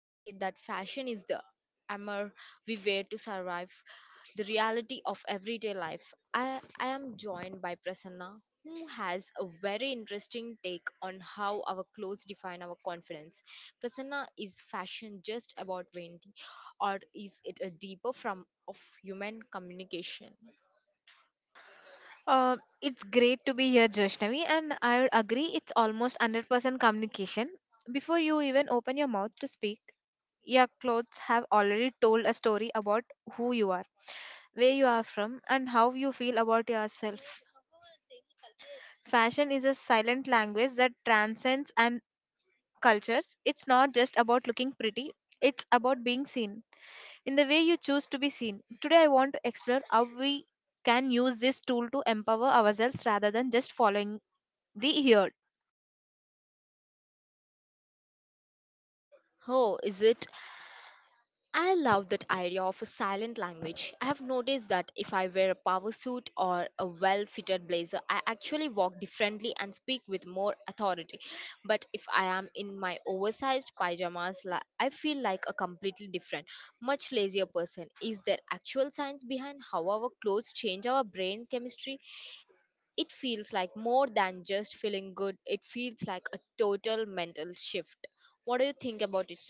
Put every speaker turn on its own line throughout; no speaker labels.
They say that fashion is the armor we wear to survive the reality of everyday life. I am joined by Prasanna, who has a very interesting take on how our clothes define our confidence. Prasanna, is fashion just about vain or is it a deeper form of human communication?
It's great to be here, Joshnavi, and I agree it's almost 100% communication. Before you even open your mouth to speak, your clothes have already told a story about who you are, where you are from, and how you feel about yourself. Fashion is a silent language that transcends and cultures. It's not just about looking pretty, it's about being seen in the way you choose to be seen. Today, I want to explore how we can use this tool to empower ourselves rather than just following the hero.
Oh, is it? I love that idea of a silent language. I have noticed that if I wear a power suit or a well fitted blazer, I actually walk differently and speak with more authority. But if I am in my oversized pajamas, I feel like a completely different, much lazier person. Is there actual science behind how our clothes change our brain chemistry? It feels like more than just feeling good, it feels like a total mental shift. What do you think about it?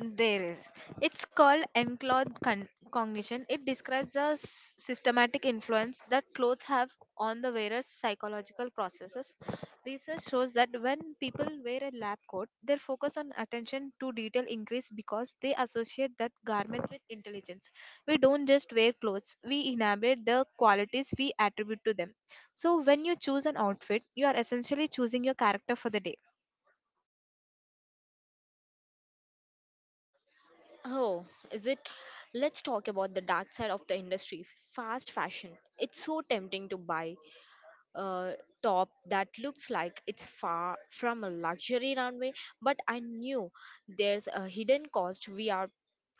There is. It's called enclothed cognition. It describes a systematic influence that clothes have on the wearer's psychological processes. Research shows that when people wear a lab coat, their focus on attention to detail increase because they associate that garment with intelligence. We don't just wear clothes, we inhabit the qualities we attribute to them. So when you choose an outfit, you are essentially choosing your character for the day.
Oh, is it? Let's talk about the dark side of the industry, fast fashion. It's so tempting to buy uh, top that looks like it's far from a luxury runway, but I knew there's a hidden cost. We are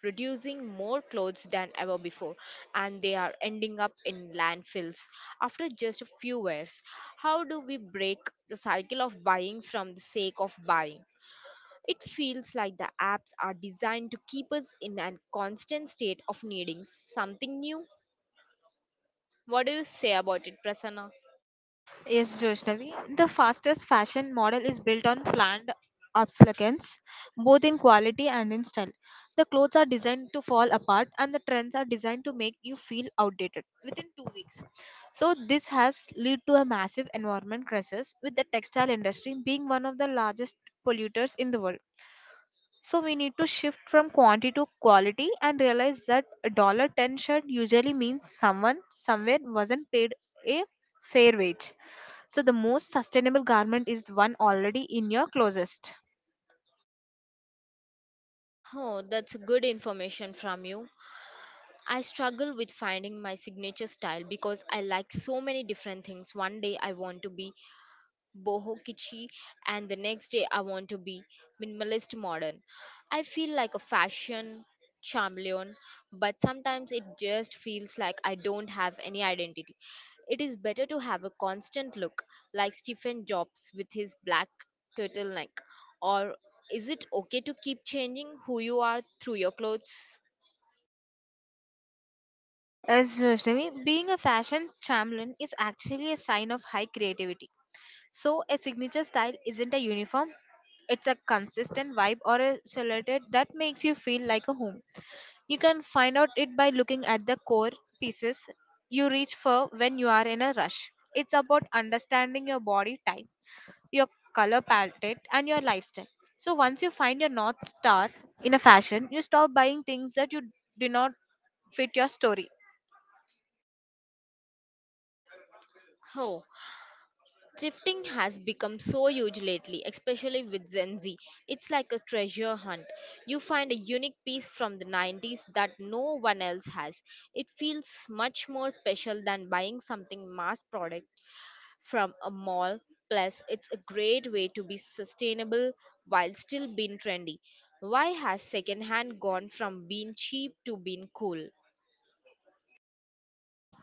producing more clothes than ever before, and they are ending up in landfills after just a few wears. How do we break the cycle of buying from the sake of buying? It feels like the apps are designed to keep us in a constant state of needing something new. What do you say about it, Prasanna?
Yes, Joshnavi. The fastest fashion model is built on planned obsolescence, both in quality and in style. The clothes are designed to fall apart, and the trends are designed to make you feel outdated within 2 weeks. So this has led to a massive environment crisis, with the textile industry being one of the largest polluters in the world. So we need to shift from quantity to quality and realize that a dollar ten shirt usually means someone somewhere wasn't paid a fair wage. So the most sustainable garment is one already in your closest.
Oh, that's good information from you. I struggle with finding my signature style because I like so many different things. One day I want to be boho kitschy, and the next day I want to be minimalist modern. I feel like a fashion chameleon, but sometimes it just feels like I don't have any identity. It is better to have a constant look, like Stephen Jobs with his black turtleneck. Or is it okay to keep changing who you are through your clothes?
As Vaishnavi, being a fashion chameleon is actually a sign of high creativity. So a signature style isn't a uniform. It's a consistent vibe or a silhouette that makes you feel like a home. You can find out it by looking at the core pieces you reach for when you are in a rush. It's about understanding your body type your color palette, and your lifestyle. So once you find your north star in a fashion, you stop buying things that you do not fit your story.
Oh. Thrifting has become so huge lately, especially with Gen Z. It's like a treasure hunt. You find a unique piece from the 90s that no one else has. It feels much more special than buying something mass product from a mall. Plus, it's a great way to be sustainable while still being trendy. Why has secondhand gone from being cheap to being cool?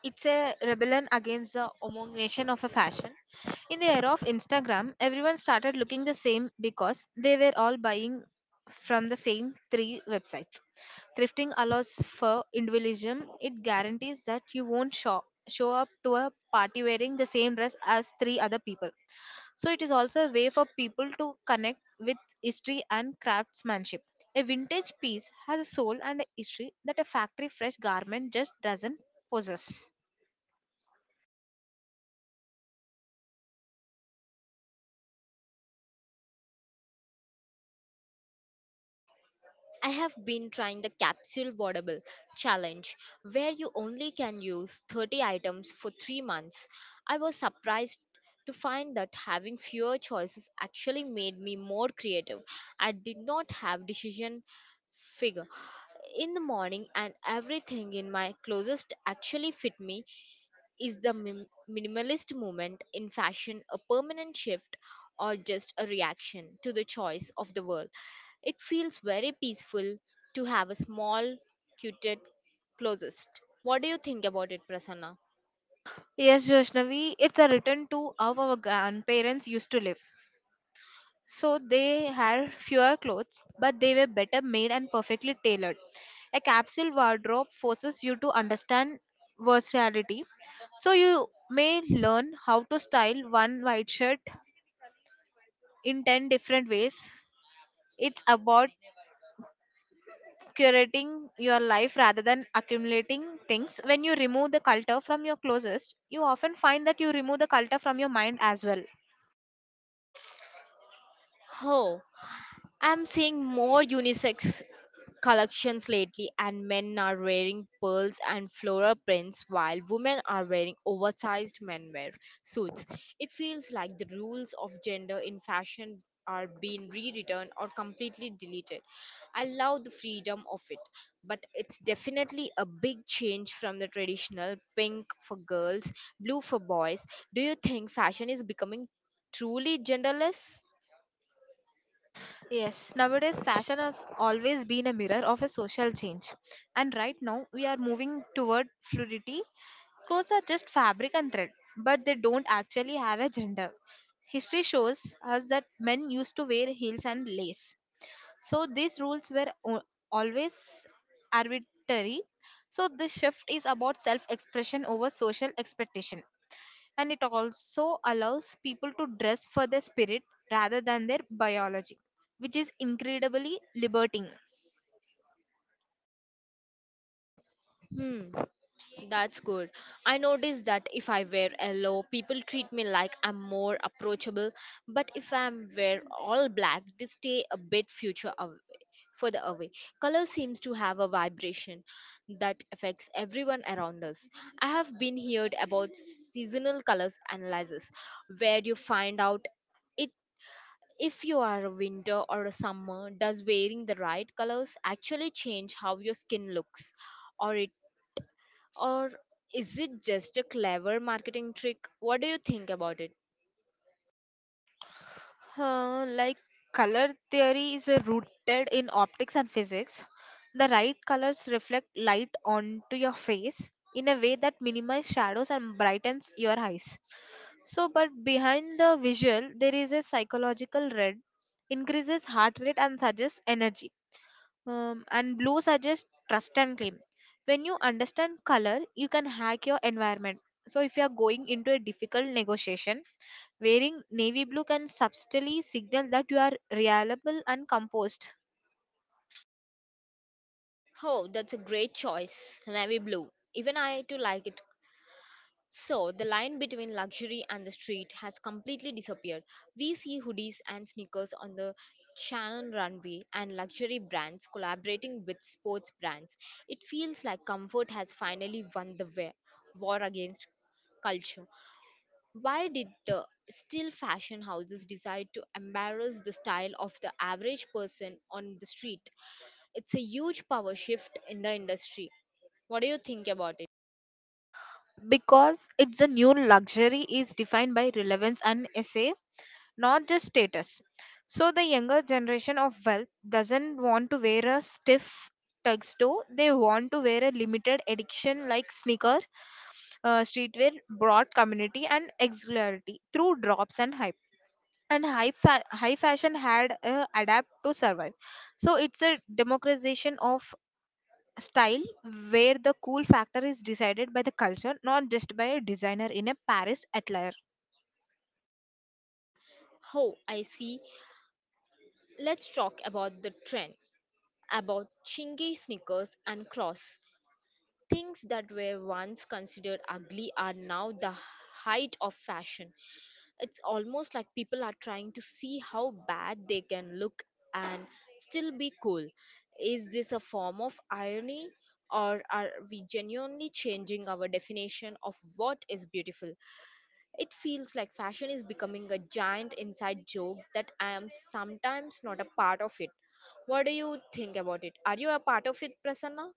It's a rebellion against the homogenization of a fashion. In the era of Instagram, everyone started looking the same because they were all buying from the same three websites. Thrifting allows for individualism. It guarantees that you won't show up to a party wearing the same dress as three other people. So it is also a way for people to connect with history and craftsmanship. A vintage piece has a soul and a history that a factory fresh garment just doesn't possess.
I have been trying the capsule wardrobe challenge where you only can use 30 items for 3 months. I was surprised to find that having fewer choices actually made me more creative. I did not have decision figure in the morning, and everything in my closest actually fit me. Is the minimalist movement in fashion a permanent shift, or just a reaction to the choice of the world? It feels very peaceful to have a small, cuted closest. What do you think about it, Prasanna?
Yes, Joshnavi, it's a return to how our grandparents used to live. So they had fewer clothes, but they were better made and perfectly tailored. A capsule wardrobe forces you to understand versatility. So you may learn how to style one white shirt in 10 different ways. It's about curating your life rather than accumulating things. When you remove the culture from your closest, you often find that you remove the culture from your mind as well.
Oh, I'm seeing more unisex collections lately, and men are wearing pearls and floral prints while women are wearing oversized menwear suits. It feels like the rules of gender in fashion are being rewritten or completely deleted. I love the freedom of it, but it's definitely a big change from the traditional pink for girls, blue for boys. Do you think fashion is becoming truly genderless?
Yes, nowadays fashion has always been a mirror of a social change. And right now we are moving toward fluidity. Clothes are just fabric and thread, but they don't actually have a gender. History shows us that men used to wear heels and lace. So these rules were always arbitrary. So this shift is about self expression over social expectation. And it also allows people to dress for their spirit rather than their biology, which is incredibly liberating.
Hmm. That's good. I notice that if I wear yellow, people treat me like I'm more approachable. But if I'm wear all black, they stay a bit further away. Color seems to have a vibration that affects everyone around us. I have been heard about seasonal colors analysis, where you find out it if you are a winter or a summer. Does wearing the right colors actually change how your skin looks? or it or is it just a clever marketing trick? What do you think about it?
Huh? Like, color theory is rooted in optics and physics. The right colors reflect light onto your face in a way that minimizes shadows and brightens your eyes. So, but behind the visual, there is a psychological red, increases heart rate and suggests energy, and blue suggests trust and claim. When you understand color, you can hack your environment. So, if you are going into a difficult negotiation, wearing navy blue can subtly signal that you are reliable and composed.
Oh, that's a great choice. Navy blue. Even I too like it. So, the line between luxury and the street has completely disappeared. We see hoodies and sneakers on the Shannon runway and luxury brands collaborating with sports brands. It feels like comfort has finally won the war against culture. Why did the still fashion houses decide to embarrass the style of the average person on the street? It's a huge power shift in the industry. What do you think about it?
Because it's a new luxury is defined by relevance and essay, not just status. So the younger generation of wealth doesn't want to wear a stiff tuxedo. They want to wear a limited edition like sneaker, streetwear, broad community and exemplarity through drops and hype. And high, high fashion had adapt to survive. So it's a democratization of style where the cool factor is decided by the culture, not just by a designer in a Paris atelier.
Oh, I see. Let's talk about the trend about chingy sneakers and cross. Things that were once considered ugly are now the height of fashion. It's almost like people are trying to see how bad they can look and still be cool. Is this a form of irony, or are we genuinely changing our definition of what is beautiful? It feels like fashion is becoming a giant inside joke that I am sometimes not a part of it. What do you think about it? Are you a part of it, Prasanna?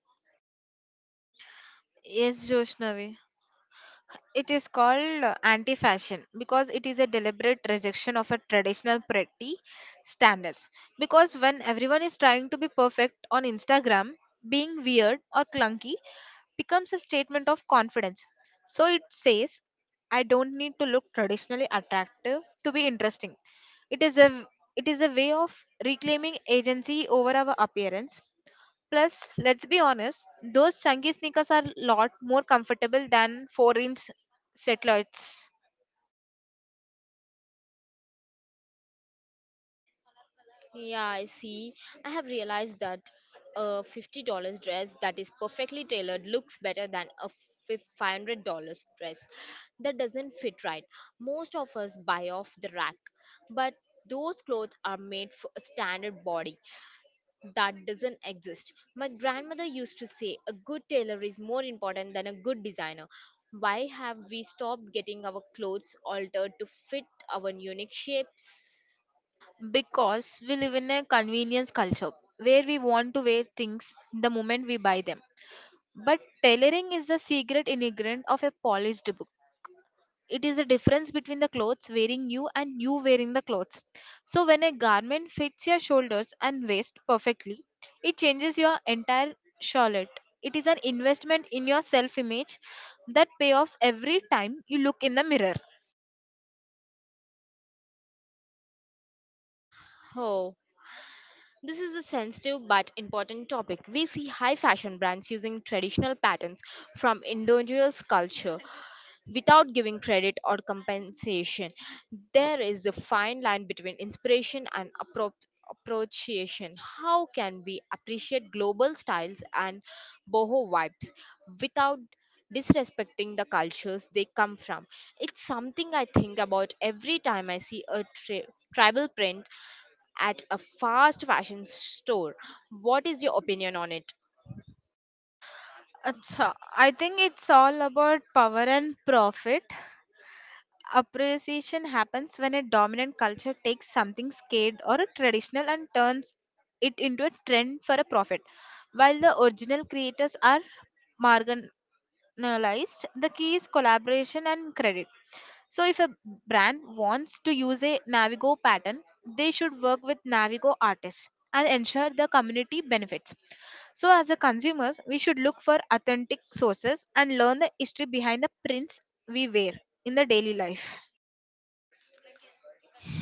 Yes, Joshnavi. It is called anti fashion because it is a deliberate rejection of a traditional pretty standards. Because when everyone is trying to be perfect on Instagram, being weird or clunky becomes a statement of confidence. So it says, I don't need to look traditionally attractive to be interesting. It is a it is a way of reclaiming agency over our appearance. Plus, let's be honest, those chunky sneakers are a lot more comfortable than 4-inch satellites.
Yeah, I see. I have realized that a $50 dress that is perfectly tailored looks better than a $500 dress that doesn't fit right. Most of us buy off the rack, but those clothes are made for a standard body that doesn't exist. My grandmother used to say a good tailor is more important than a good designer. Why have we stopped getting our clothes altered to fit our unique shapes?
Because we live in a convenience culture where we want to wear things the moment we buy them. But tailoring is the secret ingredient of a polished book. It is a difference between the clothes wearing you and you wearing the clothes. So when a garment fits your shoulders and waist perfectly, it changes your entire charlotte. It is an investment in your self image that payoffs every time you look in the mirror.
Oh, this is a sensitive but important topic. We see high fashion brands using traditional patterns from indigenous culture without giving credit or compensation. There is a fine line between inspiration and appropriation. How can we appreciate global styles and boho vibes without disrespecting the cultures they come from? It's something I think about every time I see a tribal print at a fast fashion store. What is your opinion on it?
Acha, I think it's all about power and profit. Appreciation happens when a dominant culture takes something scared or a traditional and turns it into a trend for a profit, while the original creators are marginalized. The key is collaboration and credit. So if a brand wants to use a navigo pattern, they should work with navigo artists and ensure the community benefits. So as a consumers we should look for authentic sources and learn the history behind the prints we wear in the daily life.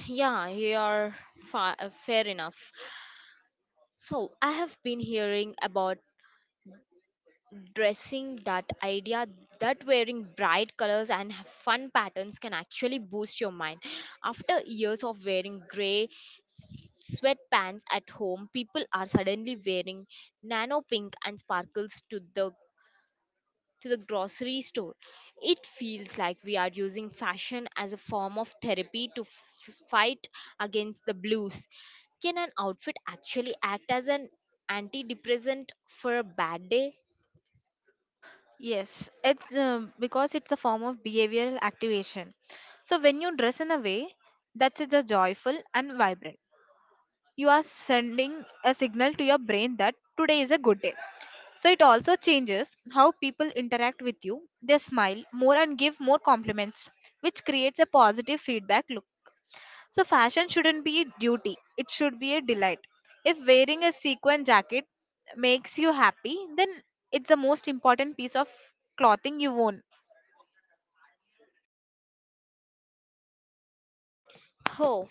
Yeah, you're fair enough. So, I have been hearing about dressing that idea that wearing bright colors and fun patterns can actually boost your mind. After years of wearing gray sweatpants at home, people are suddenly wearing nano pink and sparkles to the grocery store. It feels like we are using fashion as a form of therapy to fight against the blues. Can an outfit actually act as an antidepressant for a bad day?
Yes, it's because it's a form of behavioral activation. So when you dress in a way that's just joyful and vibrant, you are sending a signal to your brain that today is a good day. So it also changes how people interact with you. They smile more and give more compliments, which creates a positive feedback loop. So fashion shouldn't be a duty, it should be a delight. If wearing a sequin jacket makes you happy, then it's the most important piece of clothing you own.
Oh,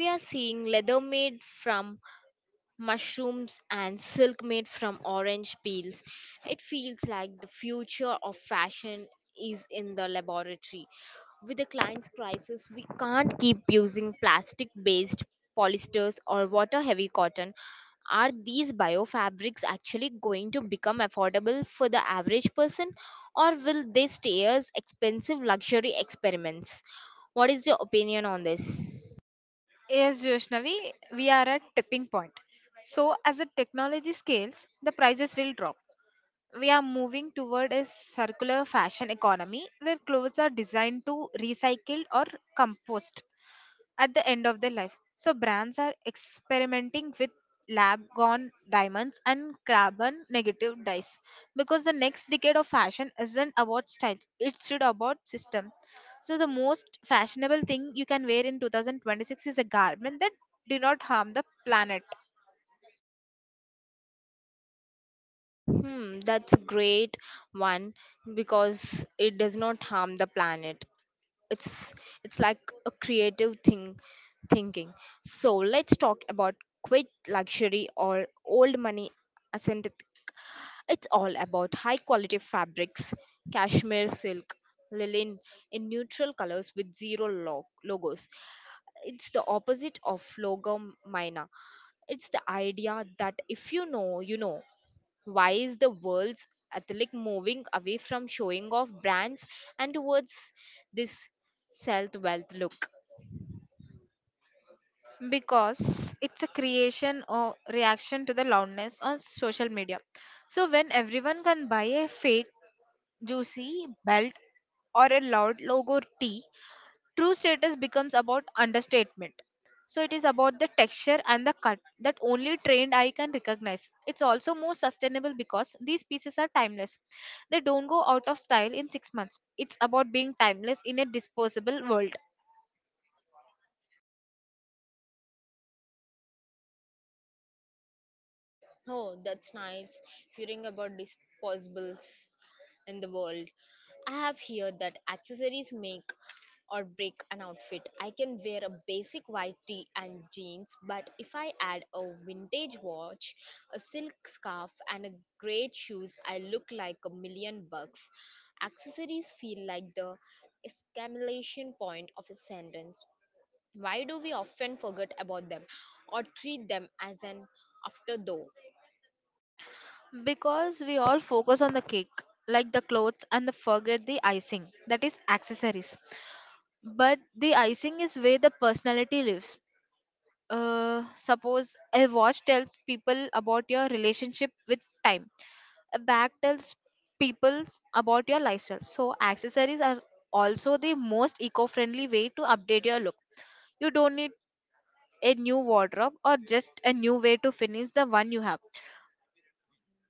we are seeing leather made from mushrooms and silk made from orange peels. It feels like the future of fashion is in the laboratory. With the client's crisis, we can't keep using plastic based polysters or water heavy cotton. Are these biofabrics actually going to become affordable for the average person, or will they stay as expensive luxury experiments? What is your opinion on this?
Yes, Joshnavi, we are at tipping point. So as the technology scales, the prices will drop. We are moving toward a circular fashion economy where clothes are designed to recycled or compost at the end of their life. So brands are experimenting with lab grown diamonds and carbon negative dyes, because the next decade of fashion isn't about styles, it should about system. So the most fashionable thing you can wear in 2026 is a garment that do not harm the planet.
Hmm, that's a great one because it does not harm the planet. It's it's like a creative thing thinking. So let's talk about quit luxury or old money ascent. It's all about high quality fabrics, cashmere silk, linen in neutral colors with zero logos. It's the opposite of logo mina. It's the idea that if you know, you know. Why is the world's athletic moving away from showing off brands and towards this self wealth look?
Because it's a creation or reaction to the loudness on social media. So when everyone can buy a fake juicy belt or a loud logo tee, true status becomes about understatement. So it is about the texture and the cut that only trained eye can recognize. It's also more sustainable because these pieces are timeless. They don't go out of style in 6 months. It's about being timeless in a disposable world.
Oh, that's nice hearing about disposables in the world. I have heard that accessories make or break an outfit. I can wear a basic white tee and jeans, but if I add a vintage watch, a silk scarf, and a great shoes, I look like a million bucks. Accessories feel like the exclamation point of a sentence. Why do we often forget about them or treat them as an afterthought?
Because we all focus on the cake, like the clothes, and the forget the icing, that is accessories. But the icing is where the personality lives. Suppose a watch tells people about your relationship with time, a bag tells people about your lifestyle. So, accessories are also the most eco friendly way to update your look. You don't need a new wardrobe or just a new way to finish the one you have.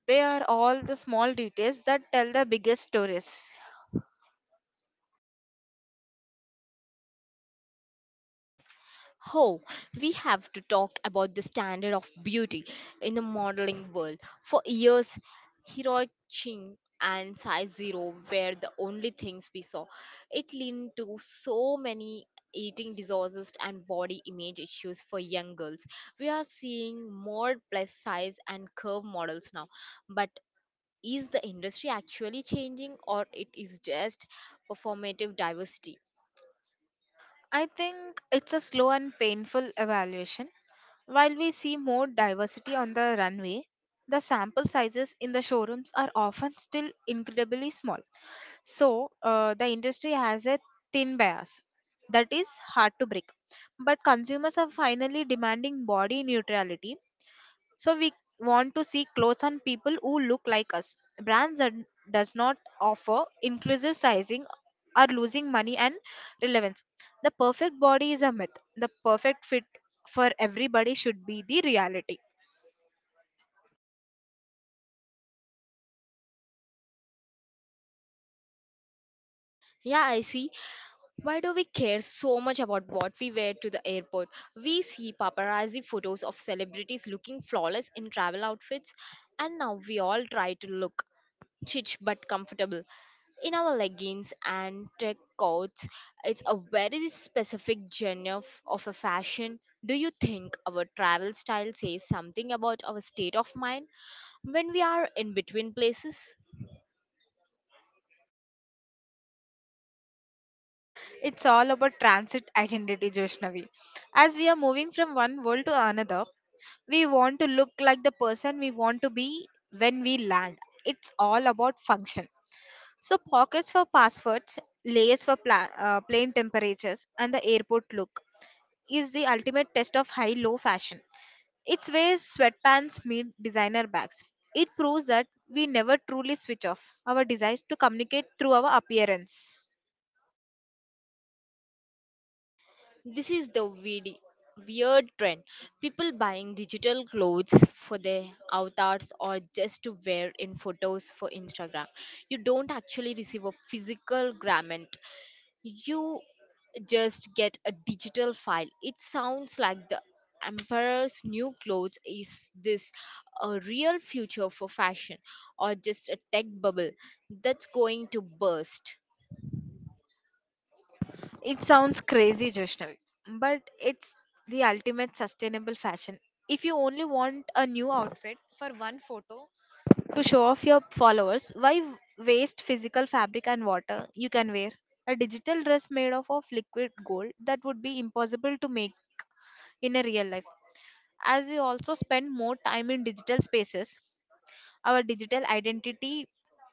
They are all the small details that tell the biggest stories.
Oh, we have to talk about the standard of beauty in the modeling world. For years, heroic Ching and size zero were the only things we saw. It led to so many eating disorders and body image issues for young girls. We are seeing more plus size and curve models now. But is the industry actually changing, or it is just performative diversity?
I think it's a slow and painful evaluation. While we see more diversity on the runway, the sample sizes in the showrooms are often still incredibly small. So, the industry has a thin bias that is hard to break. But consumers are finally demanding body neutrality. So we want to see clothes on people who look like us. Brands that does not offer inclusive sizing are losing money and relevance. The perfect body is a myth. The perfect fit for everybody should be the reality.
Yeah, I see. Why do we care so much about what we wear to the airport? We see paparazzi photos of celebrities looking flawless in travel outfits, and now we all try to look chic but comfortable in our leggings and tech coats. It's a very specific genre of a fashion. Do you think our travel style says something about our state of mind when we are in between places?
It's all about transit identity, Joshnavi. As we are moving from one world to another, we want to look like the person we want to be when we land. It's all about function. So, pockets for passwords, layers for plane temperatures, and the airport look is the ultimate test of high low fashion. It's where sweatpants meet designer bags. It proves that we never truly switch off our desires to communicate through our appearance.
This is the weird trend. People buying digital clothes for their avatars or just to wear in photos for Instagram. You don't actually receive a physical garment. You just get a digital file. It sounds like the emperor's new clothes. Is this a real future for fashion, or just a tech bubble that's going to burst?
It sounds crazy, Joshnavi, but it's the ultimate sustainable fashion. If you only want a new outfit for one photo to show off your followers, why waste physical fabric and water you can wear? A digital dress made of liquid gold that would be impossible to make in a real life. As we also spend more time in digital spaces, our digital identity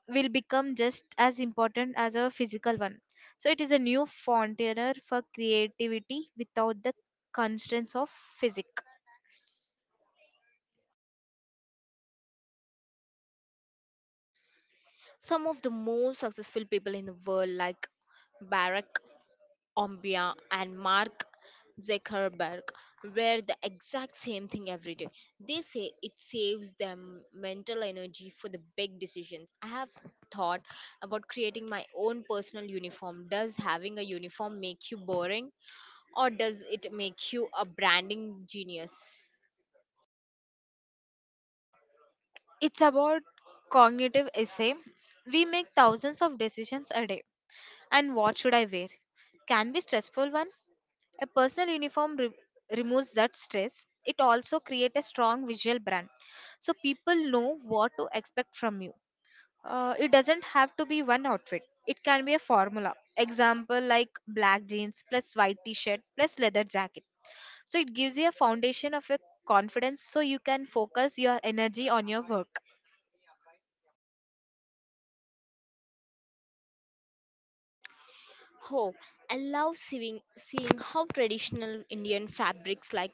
will become just as important as our physical one. So it is a new frontier for creativity without the constraints of physics.
Some of the most successful people in the world like Barack Ombia, and Mark Zuckerberg wear the exact same thing every day. They say it saves them mental energy for the big decisions. I have thought about creating my own personal uniform. Does having a uniform make you boring, or does it make you a branding genius?
It's about cognitive essay. We make thousands of decisions a day. And what should I wear? Can be stressful one. A personal removes that stress. It also creates a strong visual brand. So people know what to expect from you. It doesn't have to be one outfit, it can be a formula example like black jeans plus white t-shirt plus leather jacket. So it gives you a foundation of your confidence so you can focus your energy on your work.
Oh, I love seeing how traditional Indian fabrics like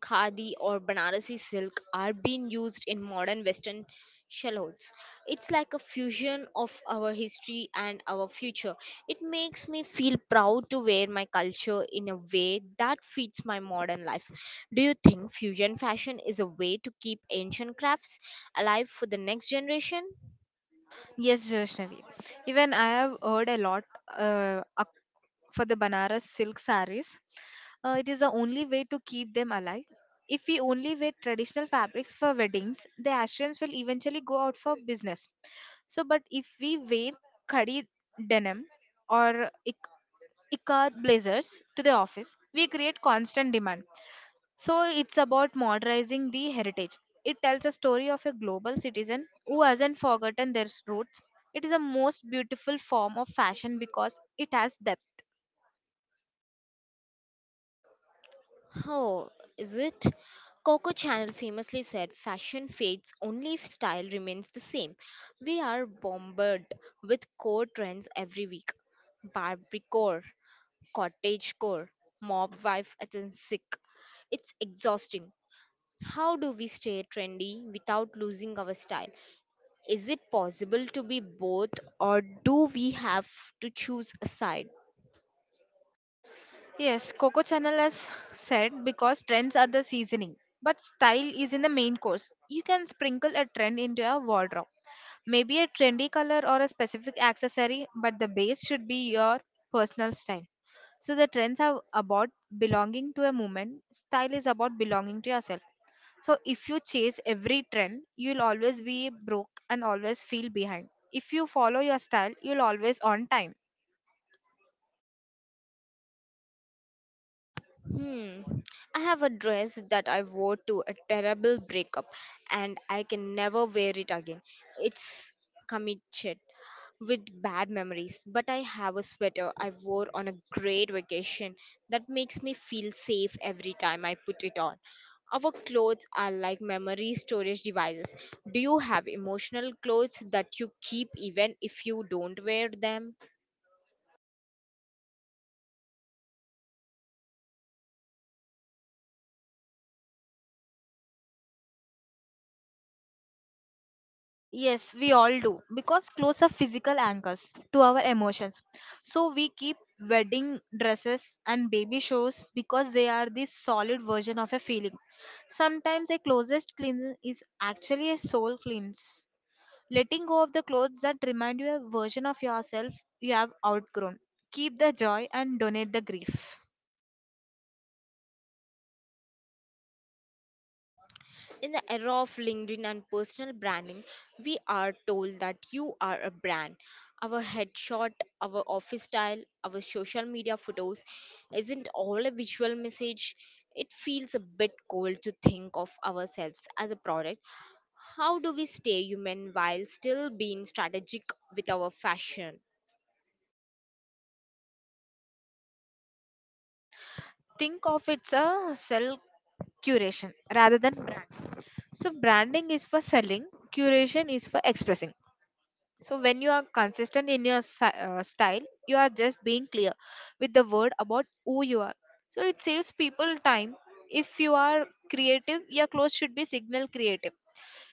khadi or Banarasi silk are being used in modern Western shallots. It's like a fusion of our history and our future. It makes me feel proud to wear my culture in a way that fits my modern life. Do you think fusion fashion is a way to keep ancient crafts alive for the next generation?
Yes, Joshnavi, even I have heard a lot uh, ac- for the Banaras silk saris. It is the only way to keep them alive. If we only wear traditional fabrics for weddings, the Ashtons will eventually go out for business. So, but if we wear khadi denim or ikad blazers to the office, we create constant demand. So, it's about modernizing the heritage. It tells a story of a global citizen who hasn't forgotten their roots. It is the most beautiful form of fashion because it has depth.
Oh, is it? Coco Chanel famously said fashion fades only if style remains the same. We are bombarded with core trends every week. Barbicore, cottage core, mob wife agentic. It's exhausting. How do we stay trendy without losing our style? Is it possible to be both, or do we have to choose a side?
Yes, Coco Channel has said, because trends are the seasoning, but style is in the main course. You can sprinkle a trend into your wardrobe. Maybe a trendy color or a specific accessory, but the base should be your personal style. So the trends are about belonging to a movement, style is about belonging to yourself. So if you chase every trend, you'll always be broke and always feel behind. If you follow your style, you'll always on time.
Hmm. I have a dress that I wore to a terrible breakup and I can never wear it again. It's committed with bad memories, but I have a sweater I wore on a great vacation that makes me feel safe every time I put it on. Our clothes are like memory storage devices. Do you have emotional clothes that you keep even if you don't wear them?
Yes, we all do because clothes are physical anchors to our emotions. So we keep wedding dresses and baby shows because they are the solid version of a feeling. Sometimes a closest cleanse is actually a soul cleanse. Letting go of the clothes that remind you a version of yourself you have outgrown. Keep the joy and donate the grief.
In the era of LinkedIn and personal branding, we are told that you are a brand. Our headshot, our office style, our social media photos isn't all a visual message. It feels a bit cold to think of ourselves as a product. How do we stay human while still being strategic with our fashion?
Think of it's a self curation rather than brand. So branding is for selling, curation is for expressing. So when you are consistent in your style, you are just being clear with the word about who you are. So it saves people time. If you are creative, your clothes should be signal creative.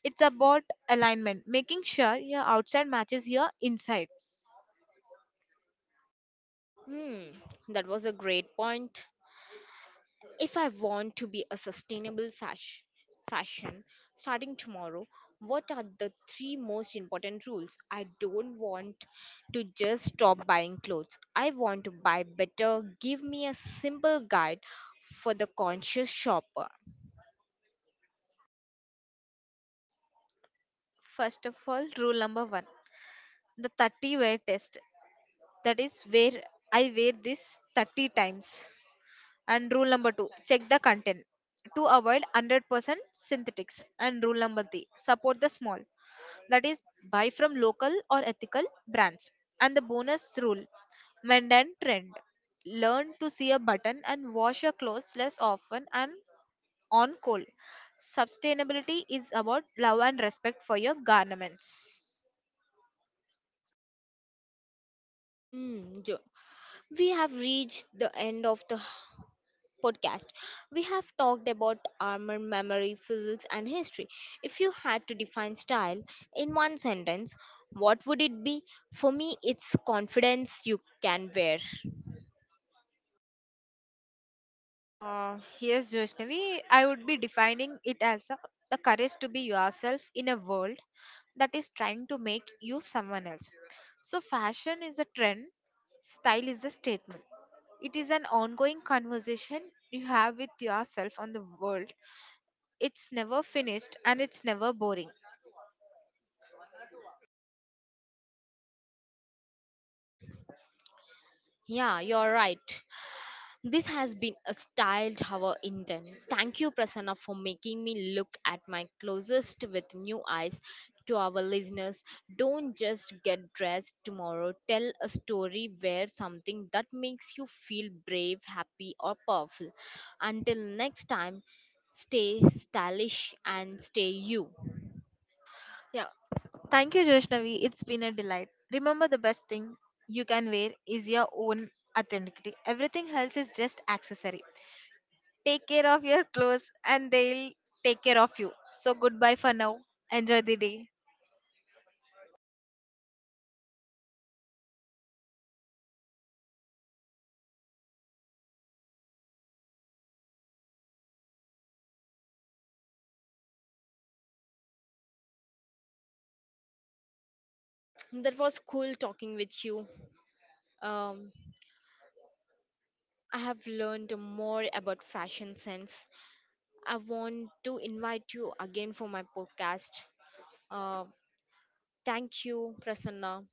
It's about alignment, making sure your outside matches your inside.
Hmm, that was a great point. If I want to be a sustainable fashion starting tomorrow, what are the 3 most important rules? I don't want to just stop buying clothes. I want to buy better. Give me a simple guide for the conscious shopper.
First of all, rule number one, the 30 wear test. That is where I wear this 30 times. And rule number two, check the content to avoid 100% synthetics. And rule number three, support the small, that is, buy from local or ethical brands. And the bonus rule, mend and trend. Learn to see a button and wash your clothes less often and on cold. Sustainability is about love and respect for your garments.
Mm, Jo- we have reached the end of the podcast. We have talked about armor, memory, physics, and history. If you had to define style in one sentence, what would it be? For me, it's confidence you can wear.
Yes, Joshnavi, I would be defining it as a, the courage to be yourself in a world that is trying to make you someone else. So, fashion is a trend, style is a statement. It is an ongoing conversation you have with yourself on the world. It's never finished and it's never boring.
Yeah, you're right. This has been a styled hour in den. Thank you, Prasanna, for making me look at my closest with new eyes. To our listeners, don't just get dressed tomorrow. Tell a story, wear something that makes you feel brave, happy, or powerful. Until next time, stay stylish and stay you.
Yeah. Thank you, Joshnavi. It's been a delight. Remember, the best thing you can wear is your own authenticity. Everything else is just accessory. Take care of your clothes and they'll take care of you. So goodbye for now. Enjoy the day.
That was cool talking with you. Um, I have learned more about fashion sense. I want to invite you again for my podcast. Uh, Thank you, Prasanna.